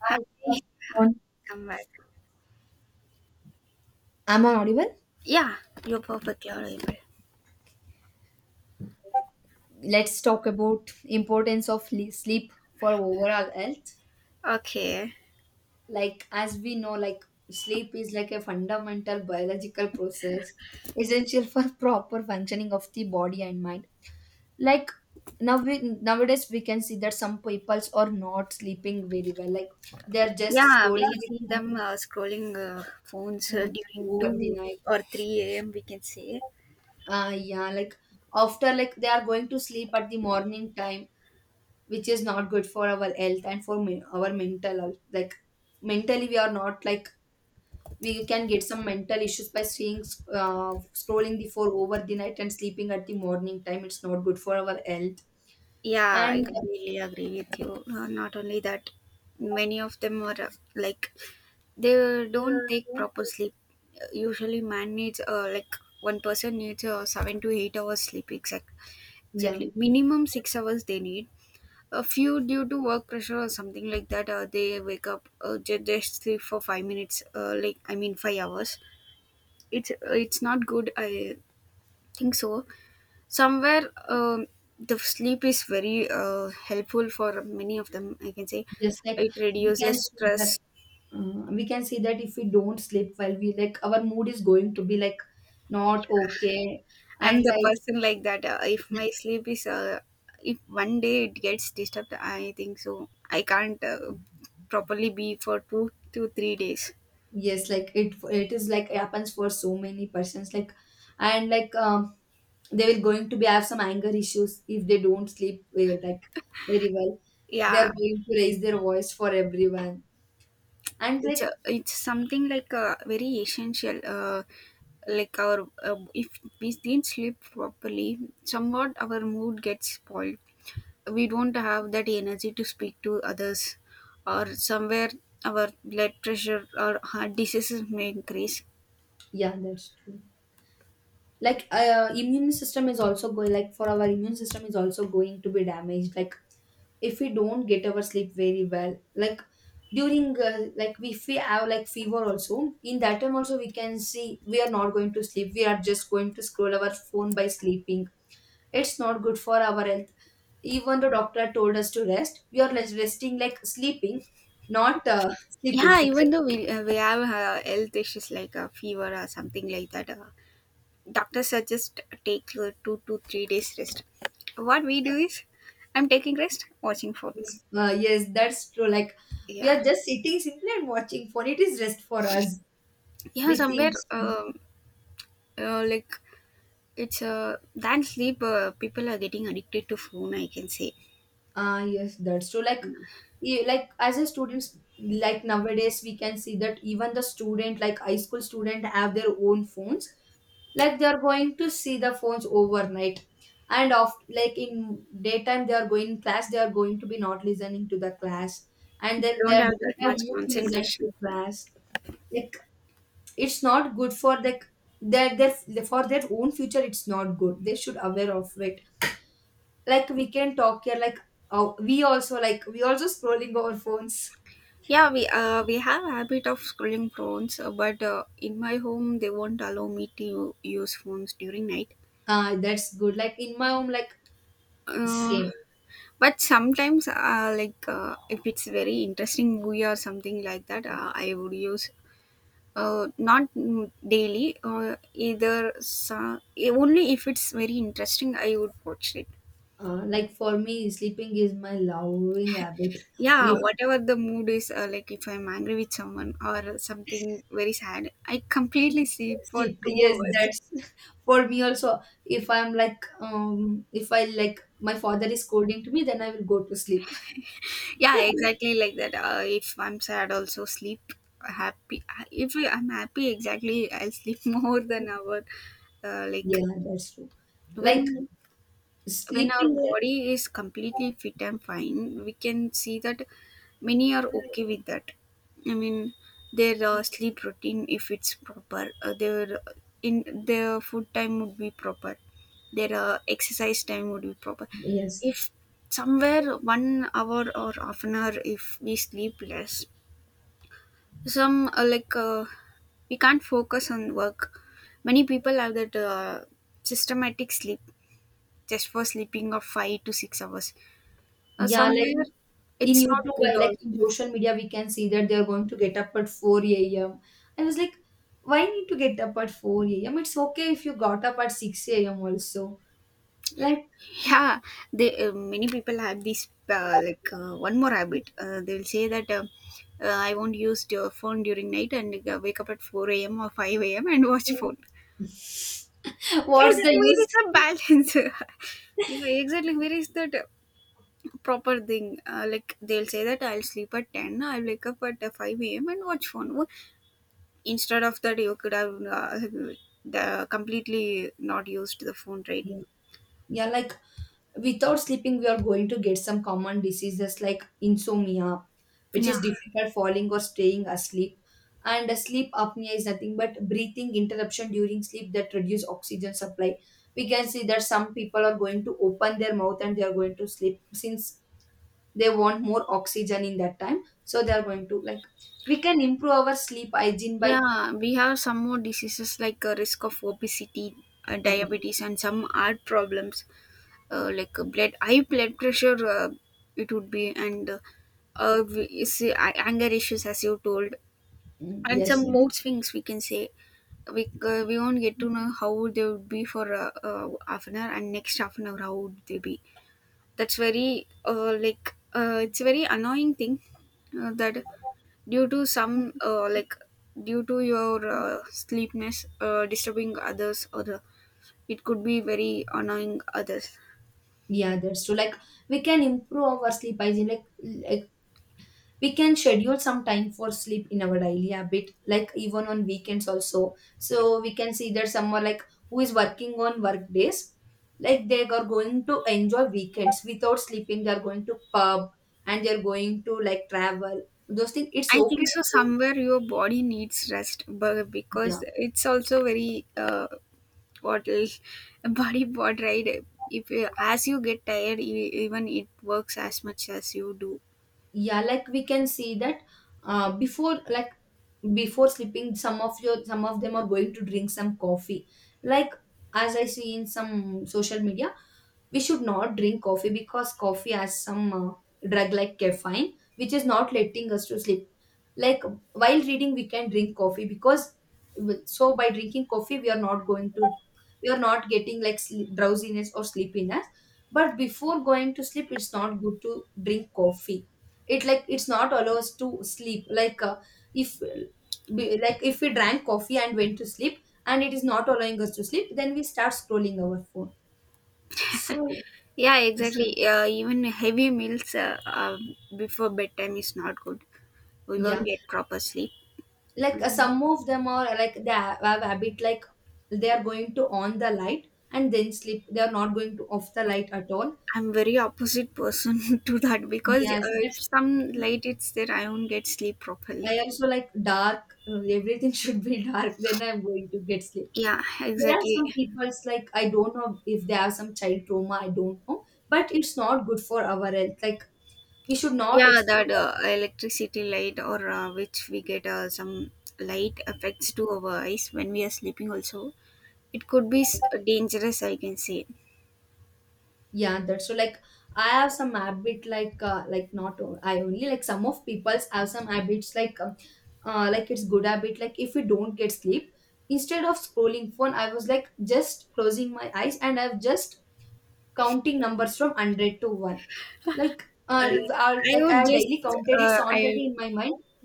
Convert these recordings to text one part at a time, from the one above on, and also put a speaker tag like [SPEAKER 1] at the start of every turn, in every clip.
[SPEAKER 1] Hi, good
[SPEAKER 2] Happy
[SPEAKER 1] afternoon.
[SPEAKER 2] come back.
[SPEAKER 1] Am I audible?
[SPEAKER 2] Yeah, you're perfectly audible.
[SPEAKER 1] Let's talk about importance of sleep for overall health.
[SPEAKER 2] Okay.
[SPEAKER 1] As we know, sleep is like a fundamental biological process essential for proper functioning of the body and mind. Like nowadays we can see that some peoples are not sleeping very well. Like they're just
[SPEAKER 2] Yeah, we
[SPEAKER 1] scrolling
[SPEAKER 2] can
[SPEAKER 1] the
[SPEAKER 2] see
[SPEAKER 1] phone
[SPEAKER 2] them scrolling phones
[SPEAKER 1] phone
[SPEAKER 2] during
[SPEAKER 1] over the
[SPEAKER 2] 2
[SPEAKER 1] night.
[SPEAKER 2] or 3 a.m. We can say.
[SPEAKER 1] Yeah, like after like they are going to sleep at the morning time, which is not good for our health and for our mental health. Like mentally we are not like we can get some mental issues by seeing uh, scrolling the phone over the night and sleeping at the morning time. It's not good for our health.
[SPEAKER 2] Yeah, I
[SPEAKER 1] And
[SPEAKER 2] completely agree with you. Not only that, many of them are like they don't take
[SPEAKER 1] uh,
[SPEAKER 2] proper sleep. Usually, man needs like one person needs 7 to 8 hours sleep,
[SPEAKER 1] yeah,
[SPEAKER 2] exactly minimum 6 hours they need. A few due to work pressure or something like that, they wake up just sleep for 5 minutes, like I mean 5 hours. It's not good, I think so. Somewhere, the sleep is very helpful for many of them, I can say.
[SPEAKER 1] just like
[SPEAKER 2] It
[SPEAKER 1] we can
[SPEAKER 2] reduces
[SPEAKER 1] see that
[SPEAKER 2] stress.
[SPEAKER 1] if we don't sleep well, we like our mood is going to be like not okay.
[SPEAKER 2] I'm
[SPEAKER 1] And
[SPEAKER 2] the
[SPEAKER 1] like,
[SPEAKER 2] person like that. If my sleep is If one day it gets disturbed, I think so I can't properly be for 2 to 3 days.
[SPEAKER 1] yes, like it is like happens for so many persons. Like, and like, they will going to be have some anger issues if they don't sleep well, like very well. They are
[SPEAKER 2] Yeah,
[SPEAKER 1] going to raise their voice for everyone. And
[SPEAKER 2] it's
[SPEAKER 1] like,
[SPEAKER 2] a, it's something like very essential. Like our If we didn't sleep properly, somewhat our mood gets spoiled. We don't have that energy to speak to others, or somewhere our blood pressure or heart diseases may increase.
[SPEAKER 1] yeah, that's true. Like immune system is also going, like for our immune system is also going to be damaged. Like if we don't get our sleep very well, like during like if we have like fever also, in that time also we can see we are not going to sleep, we are just going to scroll our phone by sleeping. It's not good for our health. Even the doctor told us to rest, we are less resting like sleeping, not sleeping.
[SPEAKER 2] Yeah, even though we have health issues like a fever or something like that, doctors suggest take 2 to 3 days rest. What we do is I'm taking rest watching phone.
[SPEAKER 1] Yes, that's true. Like we
[SPEAKER 2] Yeah,
[SPEAKER 1] are just sitting simply and watching phone, it is rest for us
[SPEAKER 2] yeah.
[SPEAKER 1] we
[SPEAKER 2] Somewhere,
[SPEAKER 1] think.
[SPEAKER 2] like it's than sleep, people are getting addicted to phone, I can say.
[SPEAKER 1] Ah yes, that's true. Like, like as a students, like nowadays we can see that even the student, like high school student, have their own phones. Like they are going to see the phones overnight, and of like in daytime they are going class, they are going to be not listening to the class, and
[SPEAKER 2] They
[SPEAKER 1] that
[SPEAKER 2] don't
[SPEAKER 1] they
[SPEAKER 2] have that
[SPEAKER 1] don't have
[SPEAKER 2] much
[SPEAKER 1] mood to listen
[SPEAKER 2] concentration.
[SPEAKER 1] to class. Like it's not good for like their for their own future. It's not good, they should aware of it. Like we can talk here, like we also, like we also scrolling our phones.
[SPEAKER 2] Yeah, we have habit of scrolling phones, but in my home they won't allow me to use phones during night.
[SPEAKER 1] Ah, that's good. Like in my home, like
[SPEAKER 2] uh,
[SPEAKER 1] same.
[SPEAKER 2] but sometimes, like if it's very interesting movie or something like that, I would use. Not daily, either. So, only if it's very interesting, I would watch it.
[SPEAKER 1] Like for me, sleeping is my loving habit.
[SPEAKER 2] Yeah,
[SPEAKER 1] If
[SPEAKER 2] whatever the mood is, like if I'm angry with someone or something very sad, I completely sleep for
[SPEAKER 1] sleep,
[SPEAKER 2] two
[SPEAKER 1] yes,
[SPEAKER 2] hours.
[SPEAKER 1] that's for me also. If I'm like, if I like my father is scolding to me, then I will go to sleep.
[SPEAKER 2] Yeah, exactly like that. If I'm sad, also sleep happy. If I'm happy, exactly, I'll sleep more than hour.
[SPEAKER 1] Yeah,
[SPEAKER 2] Like
[SPEAKER 1] that's true. Like
[SPEAKER 2] when when our
[SPEAKER 1] sleeping,
[SPEAKER 2] body is completely fit and fine, we can see that many are okay with that. I mean, their sleep routine, if it's proper, their in their food time would be proper, their exercise time would be proper.
[SPEAKER 1] yes.
[SPEAKER 2] If somewhere 1 hour or half an hour, if we sleep less, some like we can't focus on work. Many people have that systematic sleep just for sleeping of 5 to 6 hours.
[SPEAKER 1] Yeah, like
[SPEAKER 2] Somewhere
[SPEAKER 1] in
[SPEAKER 2] it's not
[SPEAKER 1] YouTube,
[SPEAKER 2] good
[SPEAKER 1] I like in
[SPEAKER 2] also.
[SPEAKER 1] social media, we can see that they are going to get up at 4 a.m. I was like, why need to get up at 4 a.m.? It's okay if you got up at 6 a.m. also. Like,
[SPEAKER 2] Yeah, they many people have this, like one more habit. They'll say that, I won't use your phone during night and wake up at 4 a.m or 5 a.m and watch phone. Yeah,
[SPEAKER 1] what's the
[SPEAKER 2] where
[SPEAKER 1] use?
[SPEAKER 2] is the balance? Yeah, exactly, where is that proper thing? Like, they'll say that I'll sleep at 10, I'll wake up at 5 a.m and watch phone. Instead of that you could have uh, the completely not used the phone, right?
[SPEAKER 1] Yeah, yeah, like without sleeping we are going to get some common diseases like insomnia, which
[SPEAKER 2] Yeah.
[SPEAKER 1] is difficult falling or staying asleep. And sleep apnea is nothing but breathing interruption during sleep that reduce oxygen supply. We can see that some people are going to open their mouth and they are going to sleep since they want more oxygen in that time, so they are going to like, we can improve our sleep hygiene by
[SPEAKER 2] Yeah, we have some more diseases like a risk of obesity,
[SPEAKER 1] uh,
[SPEAKER 2] diabetes, and some heart problems, like blood high blood pressure. It would be. And you see, anger issues, as you told,
[SPEAKER 1] mm,
[SPEAKER 2] and
[SPEAKER 1] yes,
[SPEAKER 2] some
[SPEAKER 1] yes.
[SPEAKER 2] mood swings. We can say. We won't get to know how they would be for half an hour, and next half an hour how would they be. That's very like it's a very annoying thing that due to some, like due to your sleepness, disturbing others or it could be very annoying others.
[SPEAKER 1] Yeah, that's true. Like we can improve our sleep hygiene. Like we can schedule some time for sleep in our daily habit, like even on weekends also. So we can see that someone like who is working on work days, like they are going to enjoy weekends without sleeping, they are going to pub and they are going to like travel, those things. It's
[SPEAKER 2] I
[SPEAKER 1] okay
[SPEAKER 2] think
[SPEAKER 1] to
[SPEAKER 2] so.
[SPEAKER 1] go.
[SPEAKER 2] Somewhere your body needs rest, but
[SPEAKER 1] Yeah,
[SPEAKER 2] because it's also very what is- body part, right. If you, as you get tired, even it works as much as you do.
[SPEAKER 1] yeah, like we can see that uh, before like before sleeping, some of them are going to drink some coffee. Like as I see in some social media, we should not drink coffee because coffee has some drug like caffeine, which is not letting us to sleep. Like while reading we can drink coffee because, so by drinking coffee we are not going to we are not getting like sleep, drowsiness or sleepiness. But before going to sleep, it's not good to drink coffee. It like, it's not allow us to sleep. Like if be- like if we drank coffee and went to sleep and it is not allowing us to sleep, then we start scrolling our phone. So
[SPEAKER 2] Yeah,
[SPEAKER 1] it's,
[SPEAKER 2] exactly. Even heavy meals before bedtime is not good. We won't
[SPEAKER 1] yeah,
[SPEAKER 2] get proper sleep.
[SPEAKER 1] like
[SPEAKER 2] Um,
[SPEAKER 1] some of them are like, they have habit like they are going to on the light and then sleep. They are not going to off the light at all.
[SPEAKER 2] I'm very opposite person to that because
[SPEAKER 1] Yes, that's,
[SPEAKER 2] if some light it's there, I won't get sleep properly.
[SPEAKER 1] I also like dark. Everything should be dark. Then I'm going to get sleep.
[SPEAKER 2] Yeah,
[SPEAKER 1] There are
[SPEAKER 2] exactly.
[SPEAKER 1] some people's like, I don't know if they have some child trauma, I don't know, but it's not good for our health. Like we should not
[SPEAKER 2] Yeah, that
[SPEAKER 1] explore.
[SPEAKER 2] electricity light or which we get some light affects to our eyes when we are sleeping also. It could be dangerous, I can say.
[SPEAKER 1] Yeah, that's so. Like I have some habit like not o- I only like, some of people's have some habits like it's good habit. Like if we don't get sleep, instead of scrolling phone, I was like just closing my eyes and I've just counting numbers from 100 to 1. Like
[SPEAKER 2] Uh,
[SPEAKER 1] if I,
[SPEAKER 2] I
[SPEAKER 1] like I
[SPEAKER 2] would
[SPEAKER 1] have
[SPEAKER 2] just,
[SPEAKER 1] daily counted, it's
[SPEAKER 2] uh, I
[SPEAKER 1] already in my mind.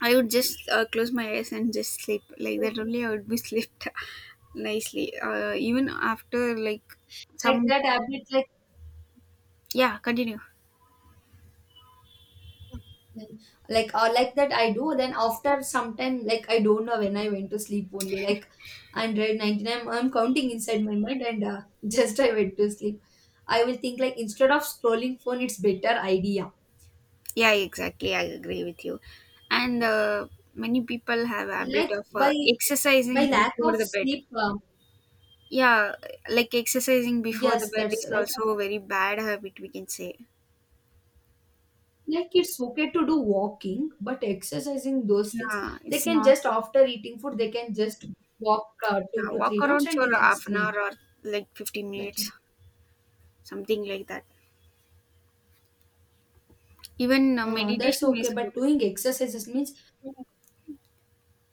[SPEAKER 2] I would just close my eyes and just sleep like that only I would be slept nicely even after like
[SPEAKER 1] Like
[SPEAKER 2] some
[SPEAKER 1] that habit like
[SPEAKER 2] yeah continue
[SPEAKER 1] like or like that I do. Then after some time, like I don't know when I went to sleep only, like 199 I'm counting inside my mind and just I went to sleep. I will think, like instead of scrolling phone, it's better idea.
[SPEAKER 2] yeah exactly I agree with you. And many people have a habit
[SPEAKER 1] Like
[SPEAKER 2] of
[SPEAKER 1] by by
[SPEAKER 2] exercising
[SPEAKER 1] lack
[SPEAKER 2] before
[SPEAKER 1] of
[SPEAKER 2] the bed.
[SPEAKER 1] sleep,
[SPEAKER 2] Yeah, like exercising before the
[SPEAKER 1] yes,
[SPEAKER 2] bed
[SPEAKER 1] that's
[SPEAKER 2] is
[SPEAKER 1] like
[SPEAKER 2] also a very bad habit, we can say.
[SPEAKER 1] like it's okay to do walking but exercising those things.
[SPEAKER 2] Yeah,
[SPEAKER 1] They
[SPEAKER 2] it's
[SPEAKER 1] can
[SPEAKER 2] not
[SPEAKER 1] just
[SPEAKER 2] good.
[SPEAKER 1] after eating food, they can just walk two
[SPEAKER 2] Yeah,
[SPEAKER 1] to
[SPEAKER 2] walk
[SPEAKER 1] three rounds
[SPEAKER 2] around
[SPEAKER 1] and
[SPEAKER 2] for
[SPEAKER 1] they can
[SPEAKER 2] half an hour
[SPEAKER 1] sleep.
[SPEAKER 2] or like 15
[SPEAKER 1] that,
[SPEAKER 2] minutes, something like that. Even
[SPEAKER 1] that's
[SPEAKER 2] meditation
[SPEAKER 1] okay,
[SPEAKER 2] is
[SPEAKER 1] but
[SPEAKER 2] good.
[SPEAKER 1] doing exercises means,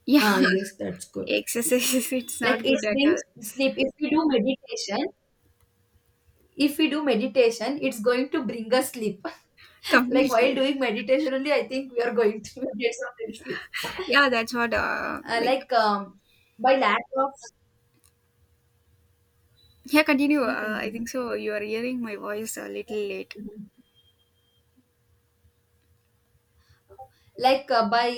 [SPEAKER 2] Yeah,
[SPEAKER 1] ah yes, that's good.
[SPEAKER 2] exercises, it's
[SPEAKER 1] Like
[SPEAKER 2] not
[SPEAKER 1] it
[SPEAKER 2] good at
[SPEAKER 1] brings
[SPEAKER 2] all.
[SPEAKER 1] sleep if we do meditation. If we do meditation, it's going to bring us sleep. Like while
[SPEAKER 2] Completely.
[SPEAKER 1] doing meditation only, I think we are going to get some sleep.
[SPEAKER 2] Yeah, that's what, like,
[SPEAKER 1] Like by lack of
[SPEAKER 2] yeah, continue.
[SPEAKER 1] Yeah,
[SPEAKER 2] I
[SPEAKER 1] continue.
[SPEAKER 2] think so. You are hearing my voice a little late.
[SPEAKER 1] Like by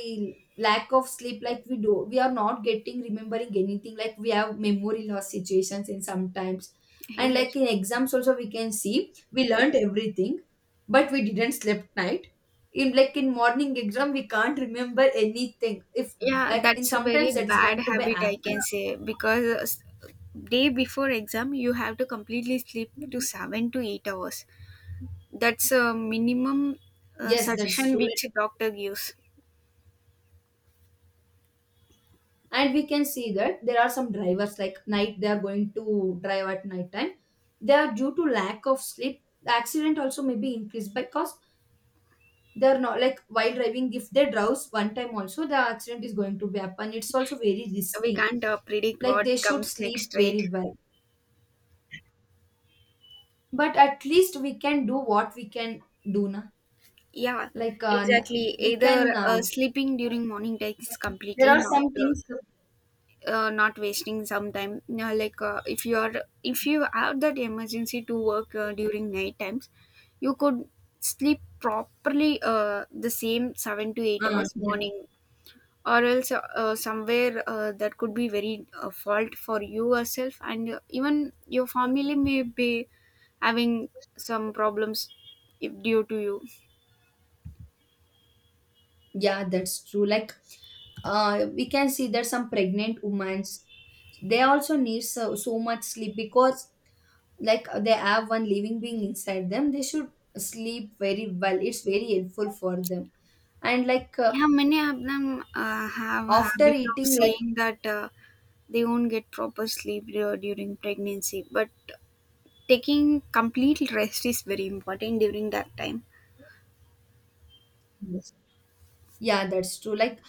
[SPEAKER 1] lack of sleep, like we do, we are not getting remembering anything. Like we have memory loss situations in sometimes,
[SPEAKER 2] He's
[SPEAKER 1] and
[SPEAKER 2] like,
[SPEAKER 1] like in exams also we can see we learned everything, but we didn't sleep night. In like in morning exam we can't remember anything. If
[SPEAKER 2] yeah,
[SPEAKER 1] like in
[SPEAKER 2] that's a very
[SPEAKER 1] sometimes that is
[SPEAKER 2] bad
[SPEAKER 1] going to be
[SPEAKER 2] habit, I can
[SPEAKER 1] happen.
[SPEAKER 2] say, because day before exam, you have to completely sleep to 7 to 8 hours. That's a minimum
[SPEAKER 1] Yes, that's
[SPEAKER 2] suggestion
[SPEAKER 1] true.
[SPEAKER 2] which doctor gives.
[SPEAKER 1] And we can see that there are some drivers like night, they are going to drive at night time. They are due to lack of sleep, the accident also may be increased because they are not like, while driving if they drowse one time also, the accident is going to be happen. It's also very
[SPEAKER 2] We
[SPEAKER 1] risky.
[SPEAKER 2] can't predict
[SPEAKER 1] Like they
[SPEAKER 2] what
[SPEAKER 1] should
[SPEAKER 2] comes
[SPEAKER 1] sleep
[SPEAKER 2] next, right?
[SPEAKER 1] very well. But at least we can do what we can do now.
[SPEAKER 2] Yeah,
[SPEAKER 1] Like
[SPEAKER 2] exactly.
[SPEAKER 1] we can
[SPEAKER 2] Either sleeping during morning takes
[SPEAKER 1] there
[SPEAKER 2] completely,
[SPEAKER 1] are some things,
[SPEAKER 2] not wasting some time. Now, like if you have that emergency to work during night times, you could sleep properly the same seven to eight hours
[SPEAKER 1] yeah.
[SPEAKER 2] morning, or else somewhere that could be very fault for you yourself, and even your family may be having some problems if, due to you.
[SPEAKER 1] Yeah, that's true, like we can see that some pregnant women, they also need so, so much sleep because like they have one living being inside them. They should sleep very well, it's very helpful for them. And like
[SPEAKER 2] Yeah, many of them have a
[SPEAKER 1] after
[SPEAKER 2] habit of
[SPEAKER 1] eating like,
[SPEAKER 2] saying that, they won't get proper sleep during pregnancy, but taking complete rest is very important during that time.
[SPEAKER 1] yes, yeah, that's true, like,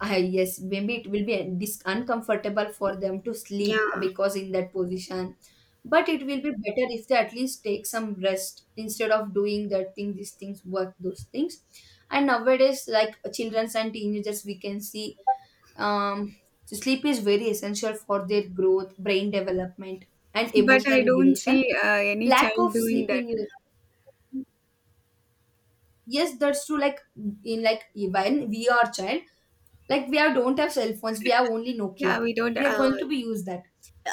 [SPEAKER 1] I, yes, maybe it will be uncomfortable for them to sleep
[SPEAKER 2] Yeah,
[SPEAKER 1] because in that position. But it will be better if they at least take some rest instead of doing that thing, these things, work, those things. And nowadays, like children and teenagers, we can see, um, sleep is very essential for their growth, brain development, and
[SPEAKER 2] but
[SPEAKER 1] emotional
[SPEAKER 2] I don't
[SPEAKER 1] regulation.
[SPEAKER 2] see any
[SPEAKER 1] Lack
[SPEAKER 2] child
[SPEAKER 1] of
[SPEAKER 2] doing
[SPEAKER 1] sleep
[SPEAKER 2] that.
[SPEAKER 1] in, yes, that's true. Like in like when we are child, like we are don't have cell phones, we have only
[SPEAKER 2] Yeah,
[SPEAKER 1] Nokia.
[SPEAKER 2] we don't.
[SPEAKER 1] We are going to be use that.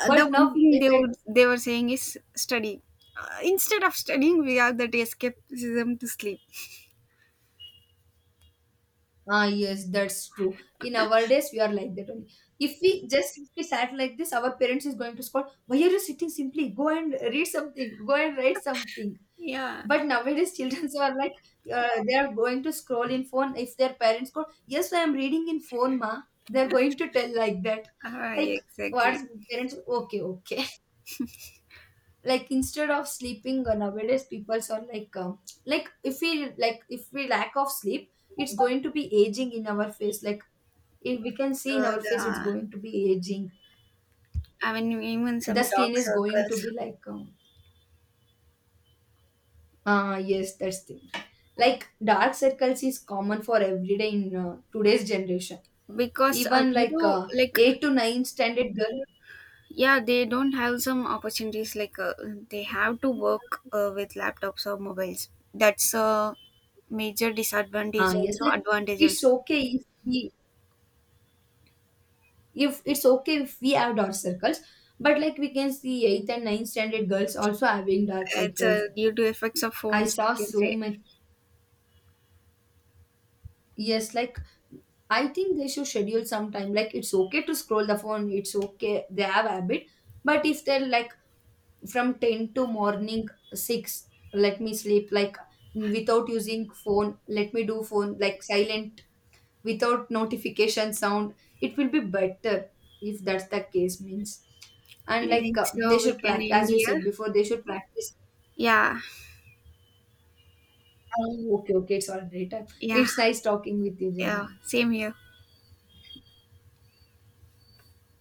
[SPEAKER 1] But
[SPEAKER 2] The one
[SPEAKER 1] now,
[SPEAKER 2] thing
[SPEAKER 1] like I,
[SPEAKER 2] they were saying is study. Instead of studying, we have that escapism to sleep.
[SPEAKER 1] ah yes, that's true. In our days, we are like that only. If we just, if we sat like this, our parents is going to scold. Why are you sitting? Simply go and read something. Go and write something.
[SPEAKER 2] Yeah,
[SPEAKER 1] But nowadays, children are like they are going to scroll in phone. If their parents go, yes, I am reading in phone, ma. They are going to tell like that. Like what
[SPEAKER 2] exactly.
[SPEAKER 1] is parents? Okay, okay. Like instead of sleeping, nowadays people are like, like if we like, if we lack of sleep, it's going to be aging in our face. Like if we can see in our face, it's
[SPEAKER 2] The
[SPEAKER 1] going to be aging.
[SPEAKER 2] I mean, even
[SPEAKER 1] The
[SPEAKER 2] some
[SPEAKER 1] skin
[SPEAKER 2] dark
[SPEAKER 1] is going to be
[SPEAKER 2] circles.
[SPEAKER 1] like, yes, that's the, like dark circles is common for everyday in today's generation.
[SPEAKER 2] Because
[SPEAKER 1] Even
[SPEAKER 2] due
[SPEAKER 1] like
[SPEAKER 2] to like,
[SPEAKER 1] 8 to 9 standard girl.
[SPEAKER 2] yeah, they don't have some opportunities like, they have to work with laptops or mobiles. That's a major
[SPEAKER 1] Ah
[SPEAKER 2] disadvantage,
[SPEAKER 1] yes,
[SPEAKER 2] also
[SPEAKER 1] like
[SPEAKER 2] advantage
[SPEAKER 1] it's
[SPEAKER 2] also.
[SPEAKER 1] okay if we if it's okay if we have dark circles, but like we can see eighth and ninth standard girls also having dark
[SPEAKER 2] It's
[SPEAKER 1] circles.
[SPEAKER 2] due to effects of
[SPEAKER 1] I
[SPEAKER 2] phones,
[SPEAKER 1] saw
[SPEAKER 2] I can
[SPEAKER 1] so
[SPEAKER 2] say.
[SPEAKER 1] much. Yes, like I think they should schedule sometime. Like it's okay to scroll the phone, it's okay, they have habit. But if they're like from 10 to morning 6, let me sleep. Like without using phone, let me do phone like silent, without notification sound. It will be better if that's the case means. And
[SPEAKER 2] I
[SPEAKER 1] like
[SPEAKER 2] think so,
[SPEAKER 1] they
[SPEAKER 2] we
[SPEAKER 1] should
[SPEAKER 2] can
[SPEAKER 1] practice,
[SPEAKER 2] end
[SPEAKER 1] as you
[SPEAKER 2] here.
[SPEAKER 1] said before, they should practice.
[SPEAKER 2] Yeah.
[SPEAKER 1] Oh, okay, okay, it's all right.
[SPEAKER 2] Yeah.
[SPEAKER 1] It's nice talking with you,
[SPEAKER 2] Yeah,
[SPEAKER 1] Janani.
[SPEAKER 2] same here.